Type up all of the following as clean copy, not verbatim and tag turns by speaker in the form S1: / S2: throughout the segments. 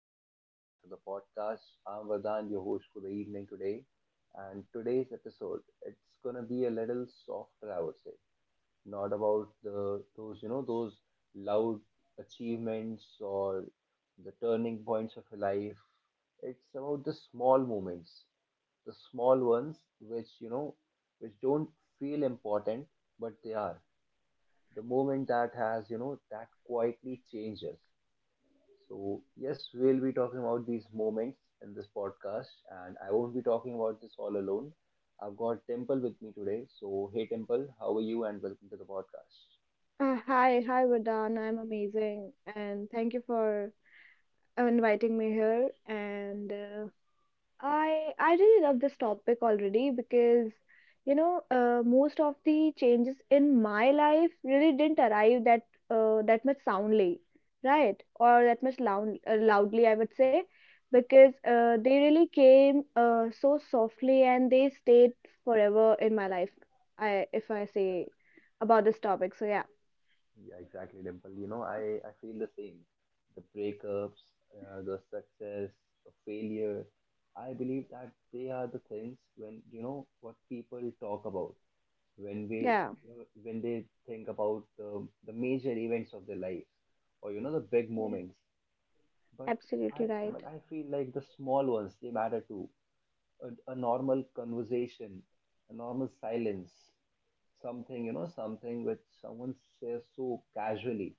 S1: and welcome back to the podcast. I'm Vardhan, your host for the evening today. And today's episode, it's gonna be a little softer, I would say. Not about the those you know those loud achievements or the turning points of your life. It's about the small moments, the small ones which you know which don't feel important, but they are the moment that has you know that quietly changes. So, yes, we'll be talking about these moments in this podcast, and I won't be talking about this all alone. I've got Temple with me today. So, hey, Temple, how are you? And welcome to the podcast.
S2: Hi, Vardhan. I'm amazing, and thank you for inviting me here. And I really love this topic already because most of the changes in my life really didn't arrive that that much soundly, right? Or that much loud loudly, I would say, because they really came so softly and they stayed forever in my life. I if I say about this topic. So yeah,
S1: Yeah, exactly, Temple. You know, I feel the same. The breakups, the success, the failure. I believe that they are the things when, what people talk about, when
S2: yeah.
S1: when they think about the major events of their life, or the big moments. But I
S2: Absolutely right.
S1: but I feel like the small ones, they matter too. A normal conversation, a normal silence, something which someone says so casually,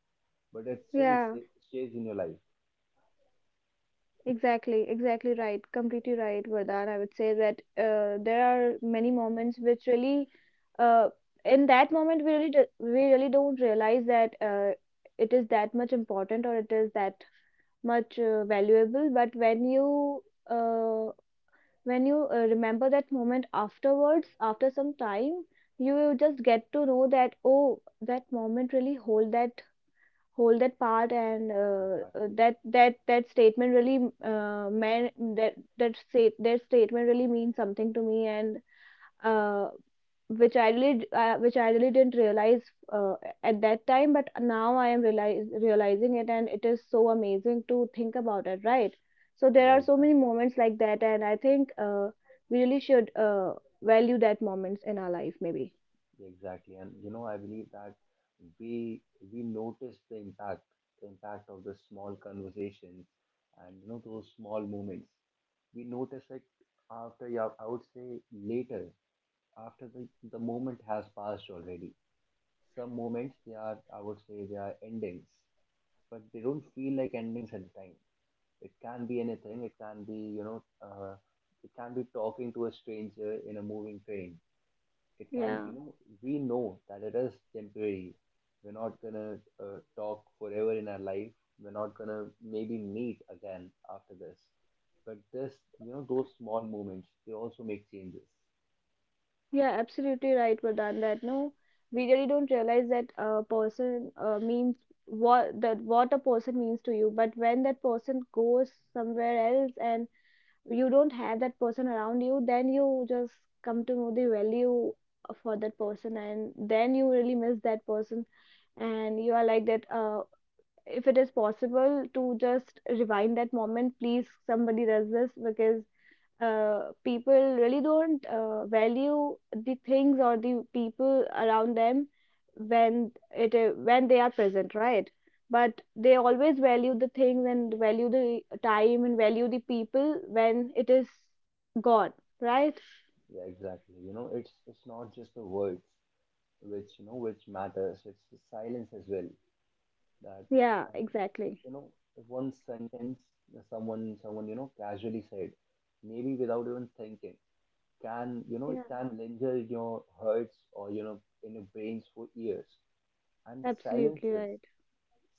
S1: but it still
S2: Yeah,
S1: stays in your life.
S2: exactly, exactly right. Completely right, Vardhan. I would say that there are many moments which really, uh, in that moment, we really, do, we really don't realize that it is that much important or it is that much valuable. But when you uh, remember that moment afterwards, after some time, you just get to know that oh, that moment really hold that part and uh, uh,
S1: Exactly.
S2: that that that statement really meant that statement really means something to me and uh, which I really d- which I really didn't realize uh, at that time but now I am realizing it and it is so amazing to think about it, right? So there
S1: Yeah,
S2: are so many
S1: exactly,
S2: moments like that, and I think we really should value that moments in our life maybe.
S1: exactly. And I believe that we we notice the impact of the small conversations, and those small moments. We notice it after, yeah, I would say later, after the moment has passed already. Some moments, they are, I would say, they are endings, but they don't feel like endings at the time. It can be anything. It can be, you know, it can be talking to a stranger in a moving train. It can,
S2: Yeah.
S1: you know, we know that it is temporary. We're not gonna talk forever in our life. We're not gonna maybe meet again after this. But those small moments, they also make changes.
S2: Yeah, absolutely right, Vardhan. That no, we really don't realize that a person means what a person means to you. But when that person goes somewhere else and you don't have that person around you, then you just come to know the value for that person, and then you really miss that person, and you are like that. If it is possible to just rewind that moment, please somebody does this, because people really don't value the things or the people around them when when they are present, right? But they always value the things and value the time and value the people when it is gone, right?
S1: Yeah, exactly. It's not just the words which you know which matters. It's the silence as well, that
S2: Yeah,
S1: um,
S2: exactly,
S1: you know one sentence, someone casually said, maybe without even thinking, can you know it
S2: yeah,
S1: can linger in your hearts, or in your brains for years. And
S2: absolutely
S1: silences,
S2: right,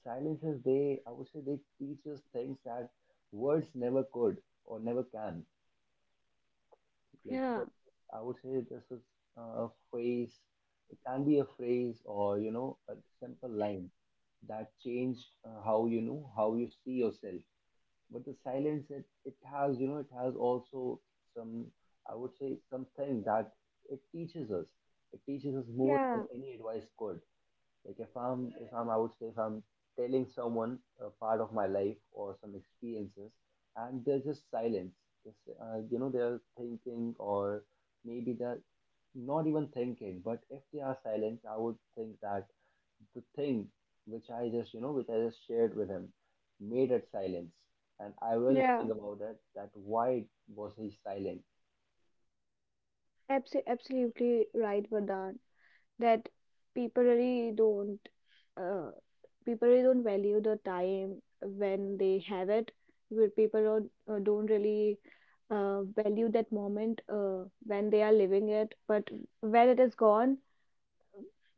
S1: silences, they, I would say, they teach us things that words never could, or never can. Like
S2: yeah,
S1: that, I would say, this is a phrase. It can be a phrase, or a simple line that changed, how you see yourself. But the silence, it has you know it has also some, I would say, something that it teaches us. It teaches us more
S2: yeah,
S1: than any advice could. Like, if I would say if I'm telling someone a part of my life or some experiences, and they're just silence. Just, they're thinking, or maybe they're not even thinking. But if they are silent, I would think that the thing which I just shared with him made it silence, and I will
S2: yeah.
S1: think about it. That, why was he silent?
S2: Absolutely right, Vardhan, that people really don't, uh, people really don't value the time when they have it, where people don't, don't really value that moment when they are living it. But when it is gone,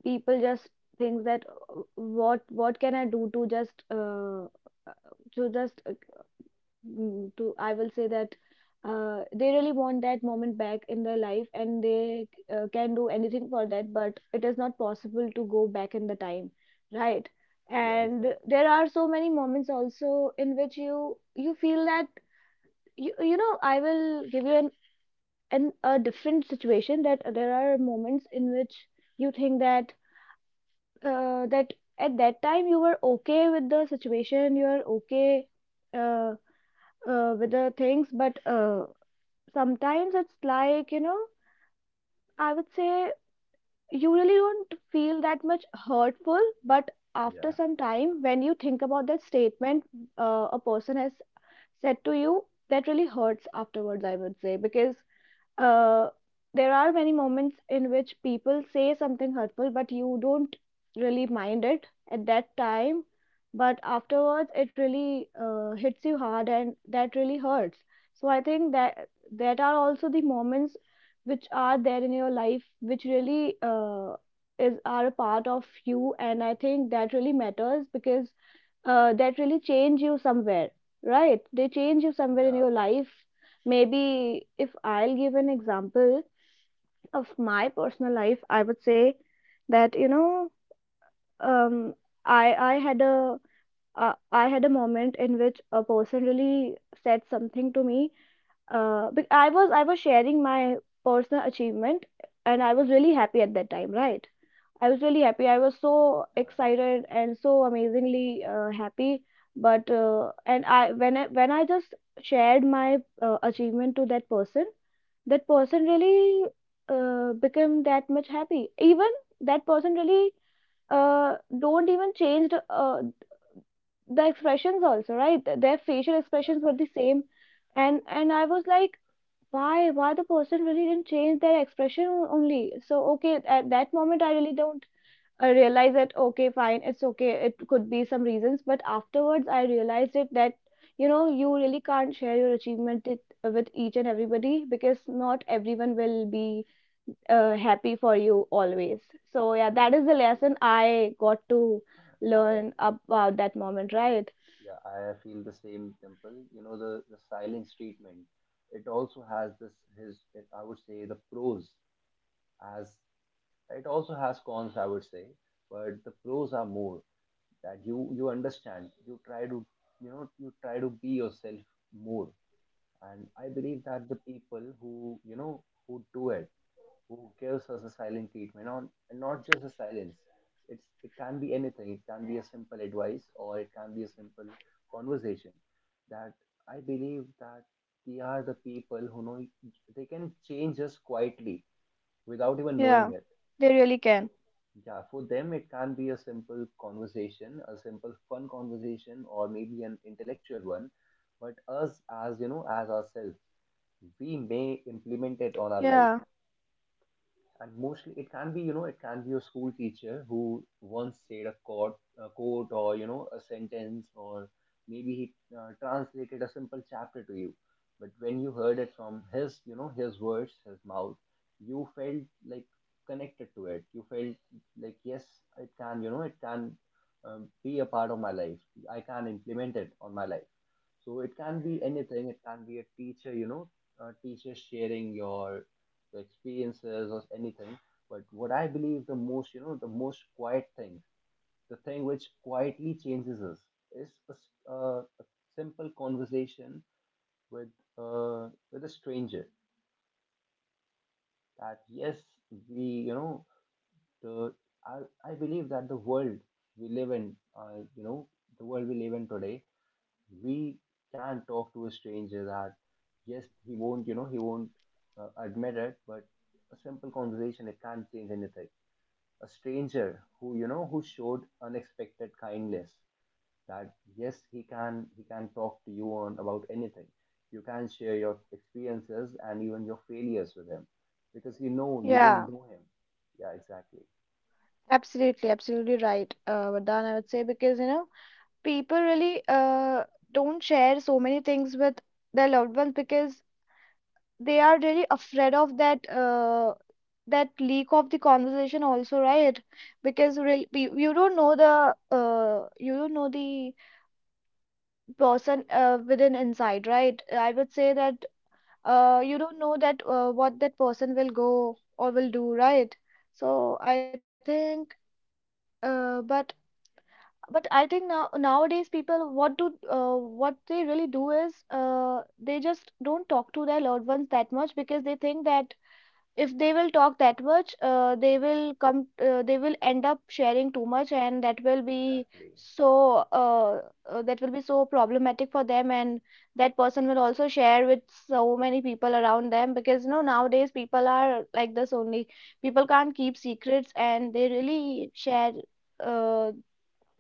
S2: people just think that, What can I do to just to just to," I will say that they really want that moment back in their life, and they can do anything for that, but it is not possible to go back in the time, right?
S1: Yeah,
S2: And
S1: exactly.
S2: there are so many moments also in which you feel that you know I will give you an a different situation, that there are moments in which you think that that at that time you were okay with the situation, you are okay uh, with the things, but sometimes it's like, you know, I would say you really don't feel that much hurtful, but after
S1: Yeah,
S2: some time when you think about that statement a person has said to you, that really hurts afterwards, I would say, because uh, there are many moments in which people say something hurtful, but you don't really mind it at that time. But afterwards, it really hits you hard, and that really hurts. So I think that that are also the moments which are there in your life, which really is are a part of you, and I think that really matters, because that really change you somewhere, right? They change you somewhere in
S1: yeah,
S2: your life. Maybe if I'll give an example of my personal life, I would say that, you know, um, I had a I had a moment in which a person really said something to me. But I was sharing my personal achievement, and I was really happy at that time, right? I was really happy. I was so
S1: yeah,
S2: excited and so amazingly happy. But and I when I when I just shared my achievement to that person really became that much happy. Even that person really don't even changed the expressions also, right? Their facial
S1: yeah,
S2: expressions were the same, and I was like, why the person really didn't change their expression only so okay. At that moment I really don't I realized that okay, fine, it's okay, it could be some reasons, but afterwards I realized it that, you know, you really can't share your achievement it, with each and everybody, because not everyone will be happy for you always. So yeah,
S1: yeah,
S2: that is the
S1: exactly.
S2: lesson I got to
S1: I
S2: learn about that moment, right?
S1: Yeah, I feel the same, Temple. The silence treatment. It also has this his, I would say, the pros, as it also has cons, I would say. But the pros are more, that you understand. You try to be yourself more. And I believe that the people who you know who do it, who gives us a silent treatment, on and not just a silence, it can be anything. It can be a simple advice, or it can be a simple conversation. That I believe that they are the people who know they can change us quietly, without even knowing
S2: Yeah,
S1: it.
S2: they really can.
S1: Yeah, for them it can be a simple conversation, a simple fun conversation, or maybe an intellectual one. But us, as you know as ourselves, we may implement it on our life.
S2: Yeah.
S1: And mostly, it can be a school teacher who once said a quote, or a sentence, or maybe he translated a simple chapter to you. But when you heard it from his words, his mouth, you felt like connected to it. You felt like, yes, it can be a part of my life, I can implement it on my life. So it can be anything. It can be a teacher you know a teacher sharing your the experiences, or anything. But what I believe the most, the most quiet thing, the thing which quietly changes us, is a simple conversation with with a stranger. That, yes, we, you know, the I I believe that, the world we live in, the world we live in today, we can talk to a stranger. That yes, he won't admit it, but a simple conversation, it can't change anything. A stranger who you know who showed unexpected kindness, that yes, he can talk to you on about anything. You can share your experiences, and even your failures, with him, because you don't
S3: Yeah,
S1: know him. Yeah, exactly.
S3: absolutely, absolutely right, Vardhan, I would say because you know people really don't share so many things with their loved ones because they are really afraid of that that leak of the conversation also, right? Because really, you don't know the you don't know the person within inside, right? I would say that you don't know that what that person will go or will do, right? So I think. Uh, but but I think now nowadays people what do what they really do is they just don't talk to their loved ones that much because they think that if they will talk that much they will end up sharing too much and that will be
S1: Exactly.
S3: so that will be so problematic for them, and that person will also share with so many people around them because you know nowadays people are like this only. People can't keep secrets and they really uh,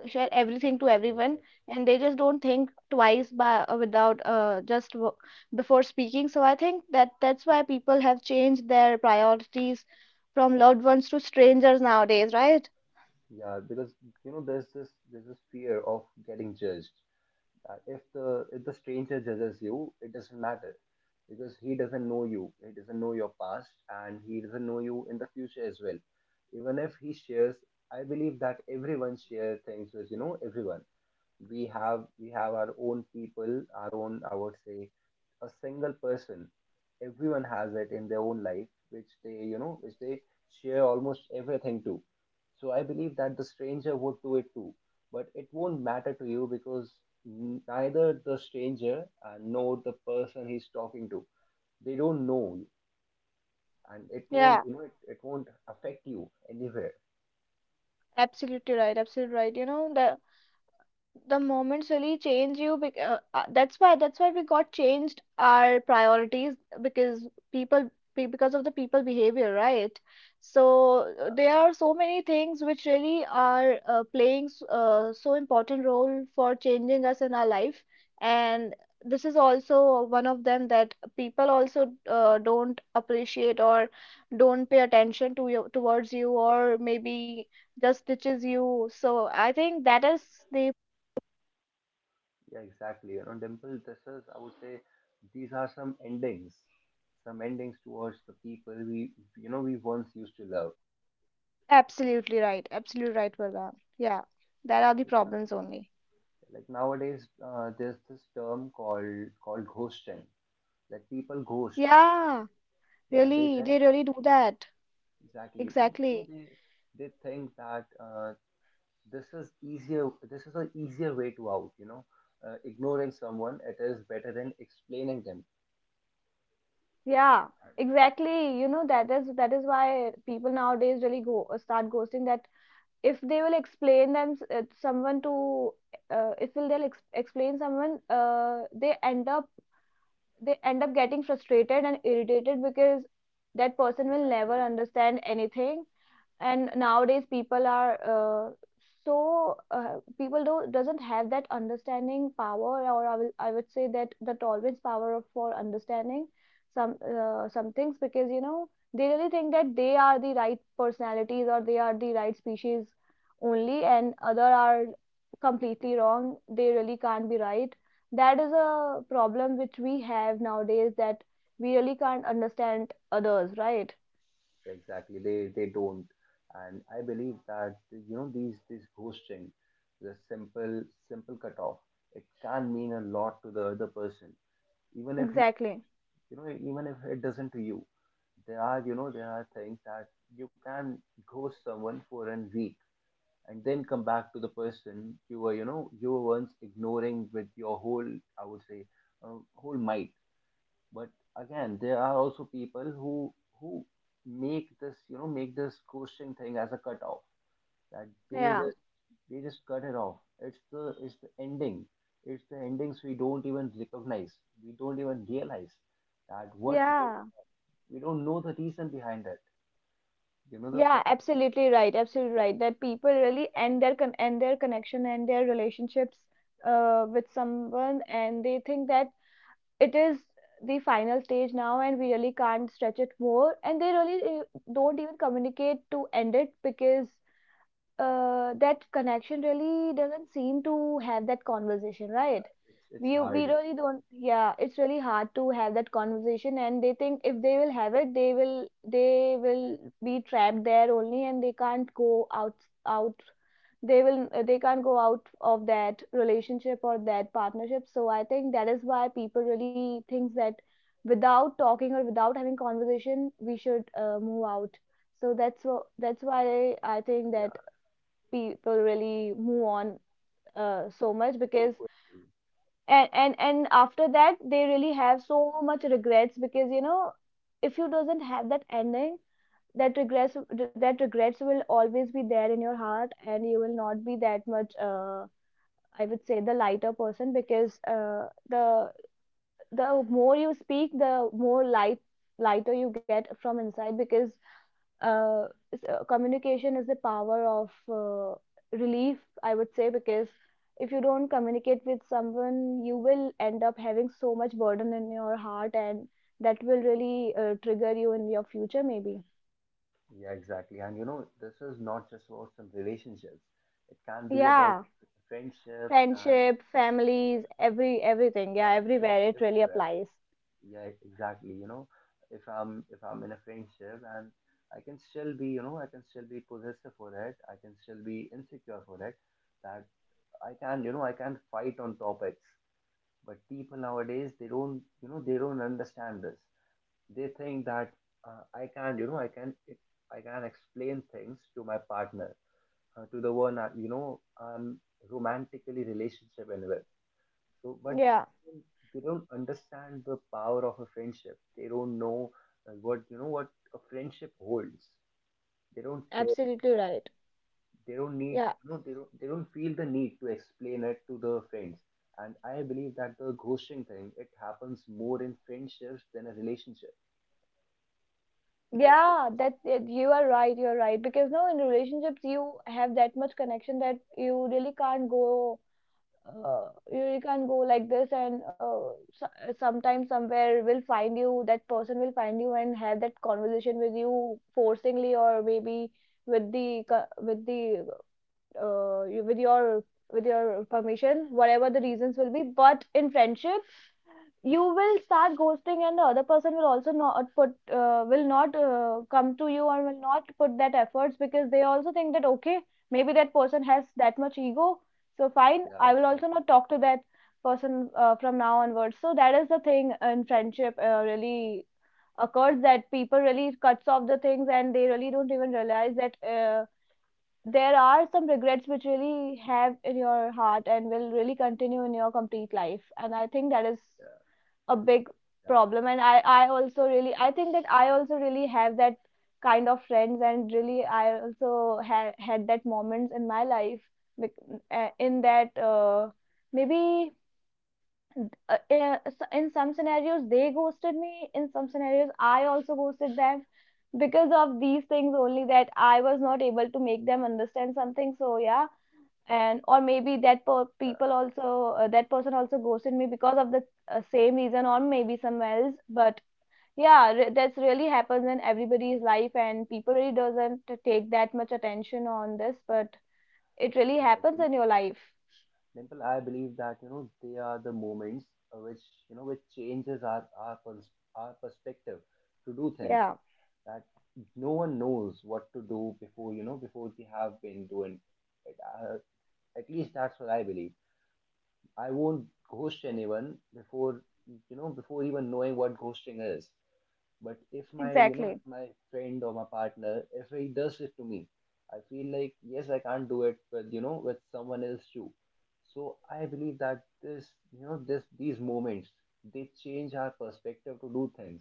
S3: share everything to everyone
S1: Exactly.
S3: and they just don't think twice by without just w- before speaking. So I think that that's why people have changed their priorities from loved ones to strangers nowadays, right?
S1: Yeah, because there's this fear of getting judged, that if the stranger judges you, it doesn't matter, because he doesn't know you, he doesn't know your past, and he doesn't know you in the future as well. Even if he shares, I believe that everyone shares things with everyone. We have our own people, our own, I would say, a single person. Everyone has it in their own life, which they share almost everything to. So I believe that the stranger would do it too, but it won't matter to you, because neither the stranger, nor the person he's talking to, they don't know you, and it won't
S3: Yeah,
S1: you know it, it won't affect you anywhere.
S3: absolutely right, absolutely right. You know the moments really change you that's why, that's why we got changed our priorities, because people because of the people behavior, right? So
S1: Yeah,
S3: there are so many things which really are playing so important role for changing us in our life, and this is also one of them, that people also don't appreciate or don't pay attention to you towards you, or maybe just ditches you. So I think that is the
S1: yeah, exactly. You know, Dimple, this is I would say, these are some endings, towards the people we you know we once used to love.
S4: Absolutely right. Absolutely right, Vardhan. Yeah, that are
S1: Yeah,
S4: the
S1: like,
S4: problems only.
S1: like nowadays, there's this term called, ghosting. Like, people ghost,
S4: Yeah,
S1: yeah, they
S4: really, they
S1: think.
S4: really do that.
S1: Exactly. You know,
S4: Exactly.
S1: they they think that this is easier. This is an easier way to out. Ignoring someone, it is better than explaining them.
S4: Yeah,
S1: And
S4: exactly. You know, that is why people nowadays really go start ghosting that if they will explain them someone to if will they'll ex explain someone they end up getting frustrated and irritated because that person will never
S1: exactly,
S4: understand anything, and nowadays people are so people do doesn't have that understanding power, or I would say that the tolerance power for understanding some things, because you know they really think that they are the right personalities or they are the right species only, and other are completely wrong, they really can't be right. That is a problem which we have nowadays, that we really can't understand others, right?
S1: exactly. They don't. And I believe that these ghosting, the simple cutoff, it can mean a lot to the other person. Even if you
S4: Exactly.
S1: even if it doesn't to you, there are things that you can ghost someone for a week, and then come back to the person you were once ignoring, with your whole, I would say, whole might. But again, there are also people who make this ghosting thing as a cutoff. That they
S4: Yeah.
S1: just they just cut it off. It's the ending. It's the endings we don't even recognize. We don't even realize that, what we,
S4: Yeah,
S1: we don't know the reason behind it. You know, the
S4: yeah,
S1: first,
S4: absolutely right, absolutely right. That people really end their connection and their relationships with someone, and they think that it is the final stage now, and we really can't stretch it more, and they really don't even communicate to end it, because that connection really doesn't seem to have that conversation, right?
S1: it's
S4: We
S1: harder.
S4: really don't. Yeah, it's really hard to have that conversation, and they think if they will have it, they will be trapped there only, and they can't go out out. They will they can't go out of that relationship or that partnership. So I think that is why people really think that without talking or without having conversation, we should move out. So that's why I think that
S1: Yeah,
S4: people really move on so much,
S1: so
S4: because
S1: quickly.
S4: and after that they really have so much regrets, because you know if you doesn't have that ending, that regrets, that regrets will always be there in your heart, and you will not be that much I would say the lighter person, because the more you speak, the more light lighter you get from inside, because uh, communication is the power of relief, I would say, because if you don't communicate with someone, you will end up having so much burden in your heart, and that will really trigger you in your future, maybe.
S1: Yeah, exactly. And this is not just about some relationships. It can be about
S4: Yeah,
S1: friendships, and
S4: friendship, families, everything. Yeah,
S1: yeah,
S4: everywhere it really
S1: everywhere.
S4: applies.
S1: Yeah, exactly. If I'm in a friendship, and I can still be, you know, I can still be possessive for it. I can still be insecure for it. That I can fight on topics. But people nowadays, they don't understand this. They think that, I can, you know, I can explain things to my partner, to the one, I'm romantically relationship and with. So, but
S4: Yeah,
S1: they don't understand the power of a friendship. They don't know, what you know what a friendship holds. They don't care.
S4: absolutely right.
S1: They don't need
S4: Yeah.
S1: you know they don't feel the need to explain it to the friends. And I believe that the ghosting thing, it happens more in friendships than a relationship. Because,
S4: Yeah, you are right, you're right. Because no, in relationships you have that much connection that you really can't go, you can go like this, and so, sometime somewhere will find you, that person will find you and have that conversation with you forcingly, or maybe with the uh, you- with your with your permission, whatever the reasons will be. But in friendship you will start ghosting, and the other person will also not put, will not come to you or will not put that efforts, because they also think that okay, maybe that person has that much ego, so fine,
S1: yeah,
S4: I will also not
S1: exactly.
S4: talk to that person from now onwards. So that is the thing in friendship really occurs, that people really cuts off the things, and they really don't even realize that there are some regrets which really have in your heart and will really continue in your complete life. And I think that is
S1: Yeah,
S4: a big
S1: exactly.
S4: problem, and I also really, I think that I also really have that kind of friends, and really I also had that moments in my life bec- in that maybe in, a- s- in some scenarios they ghosted me, in some scenarios I also ghosted them because of these things only, that I was not able to make them understand something. So yeah, and or maybe people also, that person also ghosted me because of the same reason, or maybe some else. But yeah, that's really happens in everybody's life, and people really doesn't take that much attention on this, but it really
S1: Yeah,
S4: happens
S1: actually,
S4: in your life.
S1: Dimple, I believe that they are the moments, which you know which changes our perspective to do things,
S4: Yeah,
S1: that no one knows what to do before, before they have been doing it. At least, that's what I believe. I won't ghost anyone before, before even knowing what ghosting is. But if my, you know, if
S4: exactly.
S1: my friend or my partner, if he does it to me, I feel like, yes, I can't do it with someone else too. So I believe that this, you know, this, these moments, they change our perspective to do things.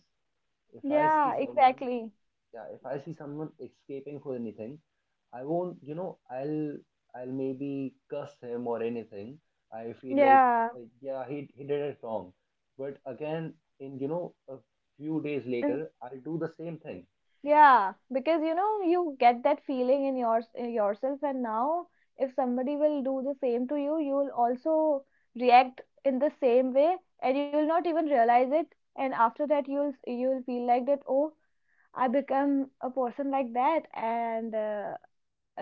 S1: If I
S4: Yeah,
S1: see someone,
S4: exactly.
S1: yeah, if I see someone escaping for anything, I won't, I'll maybe cuss him or anything. I feel like,
S4: Yeah.
S1: yeah, he did it wrong, but again, in you know a few days later I'll do the same thing.
S4: Yeah, because you know you get that feeling in your, in yourself, and now if somebody will do the same to you, you will also react in the same way, and you will not even realize it. And after that, you'll feel like that, oh, I become a person like that. And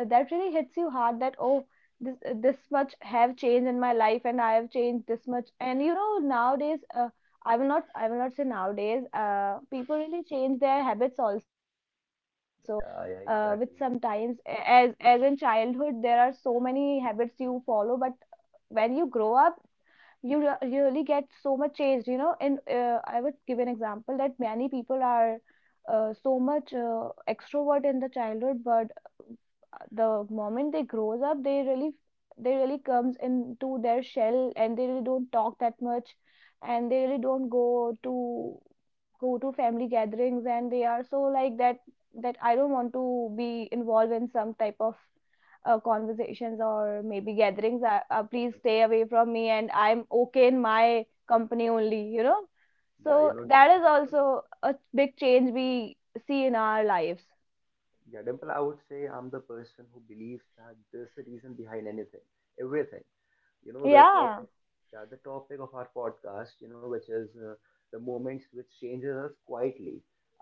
S4: that really hits you hard, that oh, this much have changed in my life, and I have changed this much. And you know nowadays, I will not say nowadays. People really change their habits also, with
S1: Yeah, yeah,
S4: sometimes,
S1: exactly.
S4: as in childhood there are so many habits you follow, but when you grow up you really get so much changed, you know. And I would give an example that many people are so much extrovert in the childhood, but the moment they grows up, they really comes into their shell, and they really don't talk that much, and they really don't go to family gatherings, and they are so like that, that I don't want to be involved in some type of conversations or maybe gatherings, please stay away from me, and I'm okay in my company only, you know.
S1: Yeah,
S4: So that is
S1: Dimple,
S4: also a big change we see in our lives.
S1: yeah, I would say I'm the person who believes that there's a reason behind anything, everything. you know the
S4: Yeah,
S1: topic yeah the topic of our podcast, which is, the moments which changes us quietly.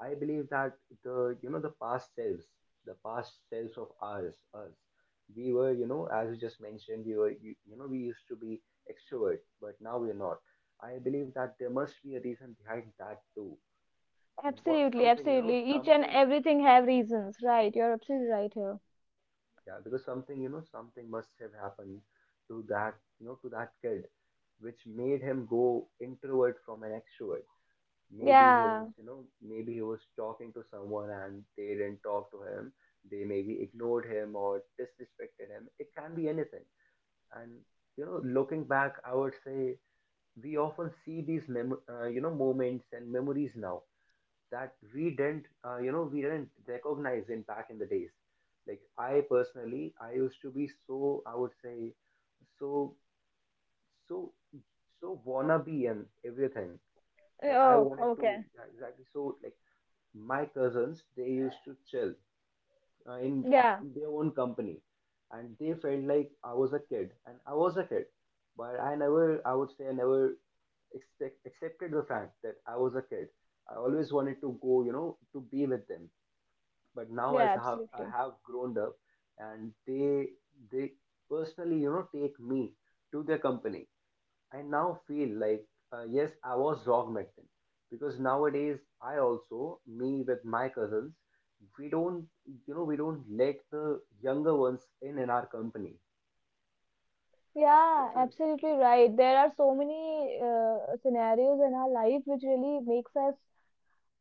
S1: I believe that the you know the past selves the past selves of ours, us, we were, as you just mentioned, we were you, you know we used to be extrovert but now we're not. I believe that there must be a reason behind that too, what
S4: absolutely,
S1: something you know
S4: absolutely. Each and
S1: something
S4: everything have reasons, right? You're absolutely right here.
S1: Yeah, because something must have happened to that, to that kid, which made him go introvert from an extrovert.
S4: Yeah.
S1: Maybe he was talking to someone and they didn't talk to him. They maybe ignored him or disrespected him. It can be anything. And, looking back, I would say we often see these, moments and memories now that we didn't recognize in back in the days. Like I used to be so, I would say, so so so wannabe and everything that I
S4: Oh,
S1: wanted to.
S4: okay.
S1: Yeah, exactly. So like my cousins, they used to chill, uh, in
S4: Yeah.
S1: in their own company, and they felt like I was a kid, and I was a kid, but I would say I never expect, accepted the fact that I was a kid. I always wanted to go, to be with them, but now
S4: Yeah,
S1: as I
S4: absolutely.
S1: have grown up, and they personally, take me to their company. I now feel like, yes, I was wrong back then, because nowadays I also, me with my cousins, we don't we don't let the younger ones in our company.
S4: Yeah,
S1: This is
S4: absolutely right. There are so many scenarios in our life which really makes us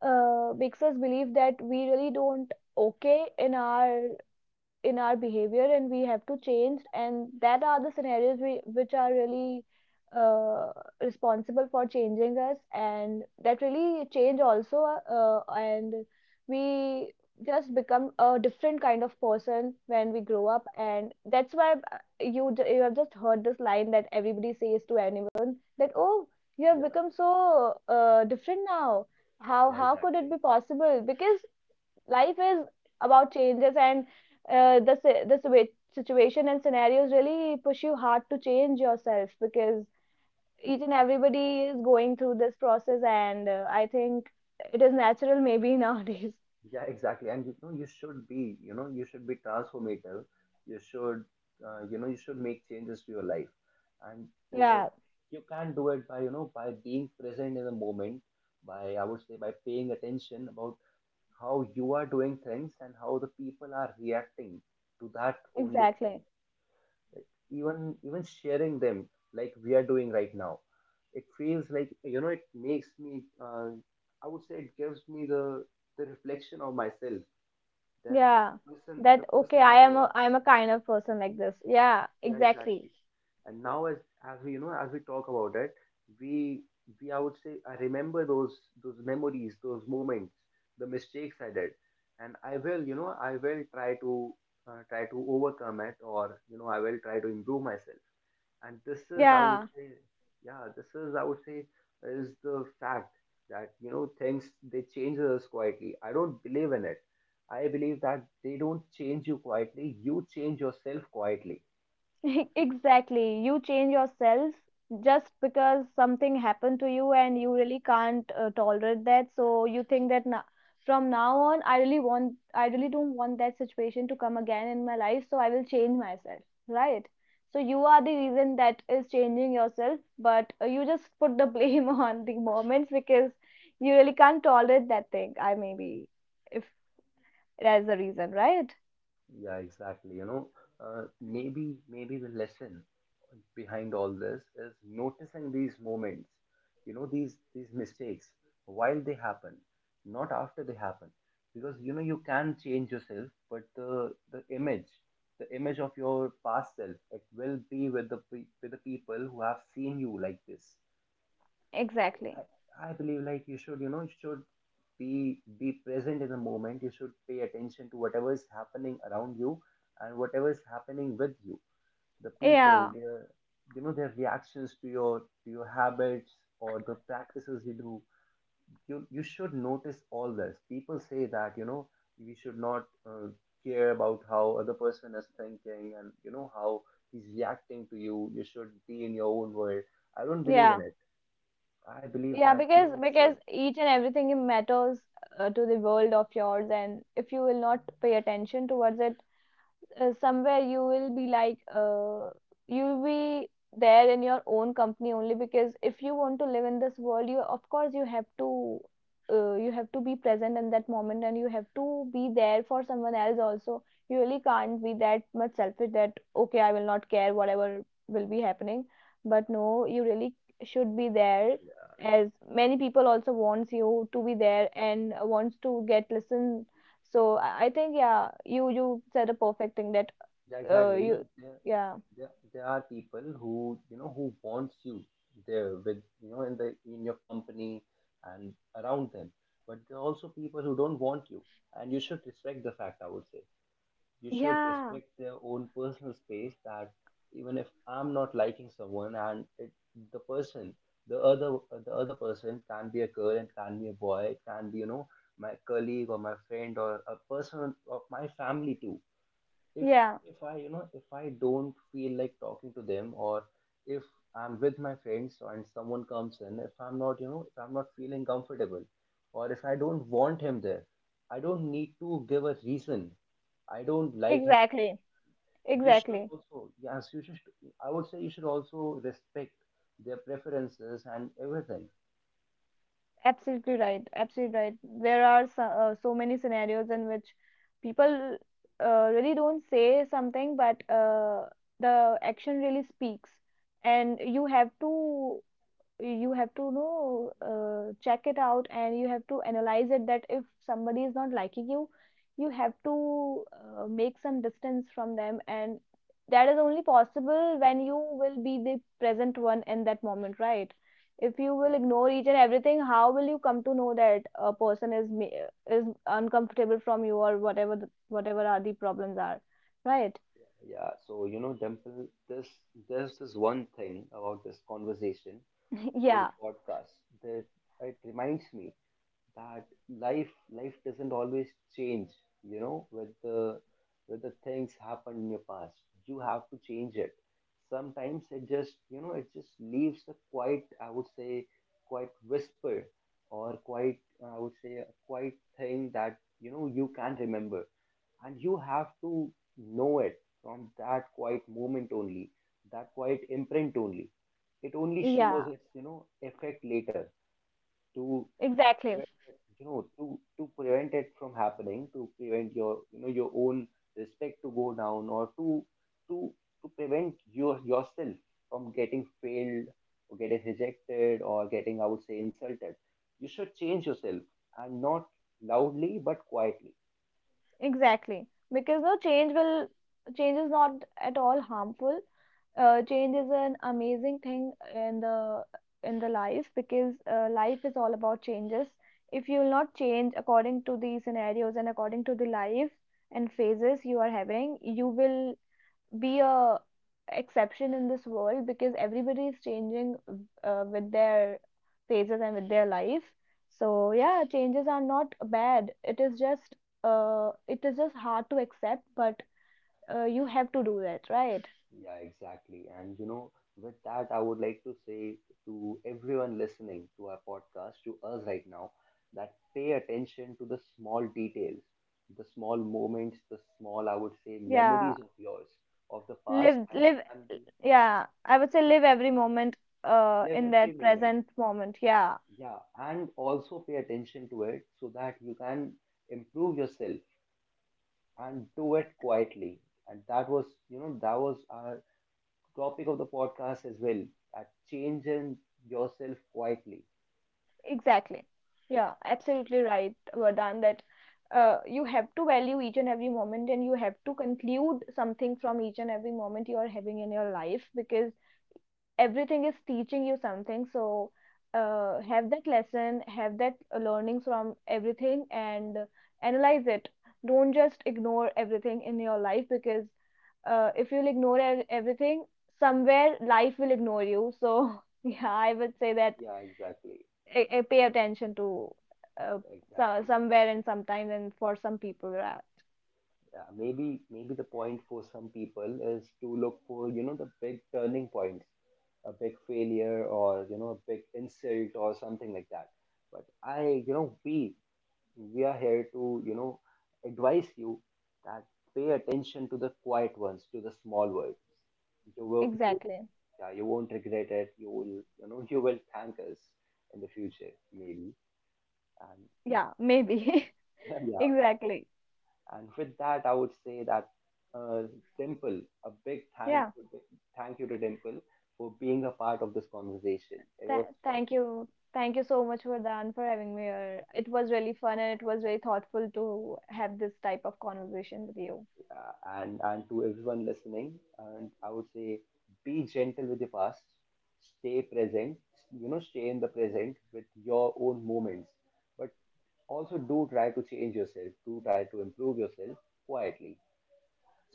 S4: uh, makes us believe that we really don't okay in our behavior, and we have to change, and that are the scenarios we, which are really uh, responsible for changing us, and that really change also, and we just become a different kind of person when we grow up. And that's why you have just heard this line that everybody says to anyone, that oh, you have
S1: Yeah,
S4: become so different now,
S1: yeah,
S4: how could it
S1: exactly.
S4: be possible? Because life is about changes, and the si- the situa- situation and scenarios really push you hard to change yourself, because each and everybody is going through this process, and I think it is natural maybe nowadays.
S1: Yeah, exactly. And, you should be transformative. You should, you should make changes to your life. And, uh,
S4: Yeah,
S1: you can do it by being present in the moment, by, I would say, by paying attention about how you are doing things and how the people are reacting to that only thing.
S4: exactly.
S1: Like even sharing them, like we are doing right now. It feels like, it makes me, I would say, it gives me the reflection of myself, that the
S4: Yeah.
S1: person the
S4: That
S1: person
S4: okay,
S1: I was.
S4: I am a kind of person like this. Yeah,
S1: Yeah,
S4: exactly.
S1: exactly. And now as we you know as we talk about it, we we I would say I remember those memories, those moments, the mistakes I did, and I will try to, try to overcome it, or I will try to improve myself. And
S4: Yeah.
S1: this is, I would say, is the fact that, things, they change us quietly. I don't believe in it. I believe that they don't change you quietly, you change yourself quietly.
S4: Exactly. You change yourself just because something happened to you and you really can't tolerate that. So you think that now, from now on, I really don't want that situation to come again in my life. So I will change myself, right? So you are the reason that is changing yourself, but you just put the blame on the moments, because you really can't tolerate that thing. I maybe, if that is the reason, right?
S1: Yeah, exactly. Maybe the lesson behind all this is noticing these moments, these mistakes while they happen, not after they happen, because you can change yourself, but the image, the image of your past self, it will be with with the people who have seen you like this.
S4: Exactly.
S1: I believe, like, you should be present in the moment. You should pay attention to whatever is happening around you and whatever is happening with you, the people,
S4: Yeah.
S1: their reactions to your habits or the practices you do. You should notice all this. People say that, we should not, care about how other person is thinking and, how he's reacting to you. You should be in your own world. I don't believe
S4: Yeah.
S1: in it. I believe
S4: Yeah,
S1: that,
S4: because
S1: you should.
S4: each and everything matters to the world of yours, and if you will not pay attention towards it, somewhere you will be like, you'll be there in your own company only. Because if you want to live in this world, you of course you have to be present in that moment, and you have to be there for someone else also. You really can't be that much selfish, that okay, I will not care whatever will be happening. But no, you really should be there,
S1: Yeah,
S4: as many people also wants you to be there and wants to get listen. So I think, yeah, you said a perfect thing, that
S1: yeah, exactly. You
S4: you
S1: know,
S4: yeah,
S1: there are people who, who wants you there with, in your company and around them, but there are also people who don't want you, and you should respect the fact, I would say you should
S4: yeah,
S1: respect their own personal space, that even if I'm not liking someone, and it, the person the other the other person can be a girl and can be a boy, it can be, my colleague or my friend or a person of my family too. if
S4: yeah,
S1: if i you know if i don't feel like talking to them, or if I'm with my friends and someone comes in, if I'm not feeling comfortable, or if I don't want him there, I don't need to give a reason. I don't like him.
S4: exactly, exactly,
S1: You should, I would say, you should also respect their preferences and everything.
S4: absolutely right, absolutely right. There are so, so many scenarios in which people really don't say something, but the action really speaks. And you have to know, check it out, and you have to analyze it, that if somebody is not liking you, you have to make some distance from them. And that is only possible when you will be the present one in that moment, right? If you will ignore each and everything, how will you come to know that a person is is uncomfortable from you, or whatever whatever are the problems are, right?
S1: Yeah, so, Dimple, this there's this one thing about this Conversation Soul
S4: Yeah.
S1: podcast, that it reminds me that life life doesn't always change, with the things happened in your past. You have to change it sometimes. It just leaves a quite, I would say, quite whisper, or quite, I would say, a quite thing that, you can't remember, and you have to know it from that quiet moment only, that quiet imprint only. It only shows
S4: Yeah,
S1: its, effect later, to to
S4: exactly.
S1: prevent it, to prevent it from happening, to prevent your you know your own respect to go down, or to to prevent yourself from getting failed or getting rejected or getting, I would say, insulted. You should change yourself, and not loudly, but quietly.
S4: Exactly, because no change will, change is not at all harmful. Change is an amazing thing in the life, because life is all about changes. If you will not change according to the scenarios and according to the life and phases you are having, you will be a exception in this world, because everybody is changing with their phases and with their life. So yeah, changes are not bad, it is just hard to accept, but you have to do that, right?
S1: Yeah, exactly. And, with that, I would like to say to everyone listening to our podcast, to us right now, that pay attention to the small details, the small moments, the small, I would say,
S4: Yeah,
S1: memories of yours of the past,
S4: live,
S1: and it can be,
S4: yeah, I would say live every moment
S1: live
S4: in
S1: every
S4: that
S1: moment.
S4: present moment. Yeah.
S1: Yeah, and also pay attention to it so that you can improve yourself and do it quietly. And that was our topic of the podcast as well, that change in yourself quietly.
S4: Exactly. Yeah, absolutely right, Vardhan, that you have to value each and every moment, and you have to conclude something from each and every moment you are having in your life, because everything is teaching you something. So have that lesson, have that learnings from everything, and analyze it. Don't just ignore everything in your life, because if you'll ignore everything, somewhere life will ignore you. So yeah, I would say that
S1: Yeah, exactly.
S4: I pay attention to uh,
S1: Exactly.
S4: somewhere and sometimes and for some people, right?
S1: Yeah, maybe the point for some people is to look for, the big turning points, a big failure, or, a big insult or something like that. But we are here to, advise you that pay attention to the quiet ones, to the small words. You will,
S4: Exactly.
S1: yeah, you won't regret it. You will thank us in the future, maybe. And
S4: Yeah, maybe.
S1: yeah,
S4: Exactly.
S1: and with that, I would say that, uh, Dimple, a big thank
S4: Yeah.
S1: thank you to Dimple for being a part of this conversation. It was fun.
S4: Thank you, so much, Vardhan, for having me here. It was really fun, and it was very thoughtful to have this type of conversation with you.
S1: uh, and to everyone listening, and I would say, be gentle with your past, stay present, stay in the present with your own moments, but also do try to change yourself, do try to improve yourself quietly.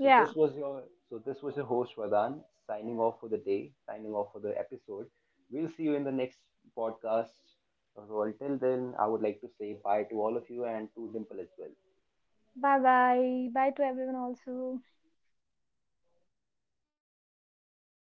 S1: so this was your so this was your host Vadan signing off for the day, signing off for the episode. We'll see you in the next podcast. So until then, I would like to say bye to all of you and to Dimple as well.
S4: bye bye, bye to everyone also.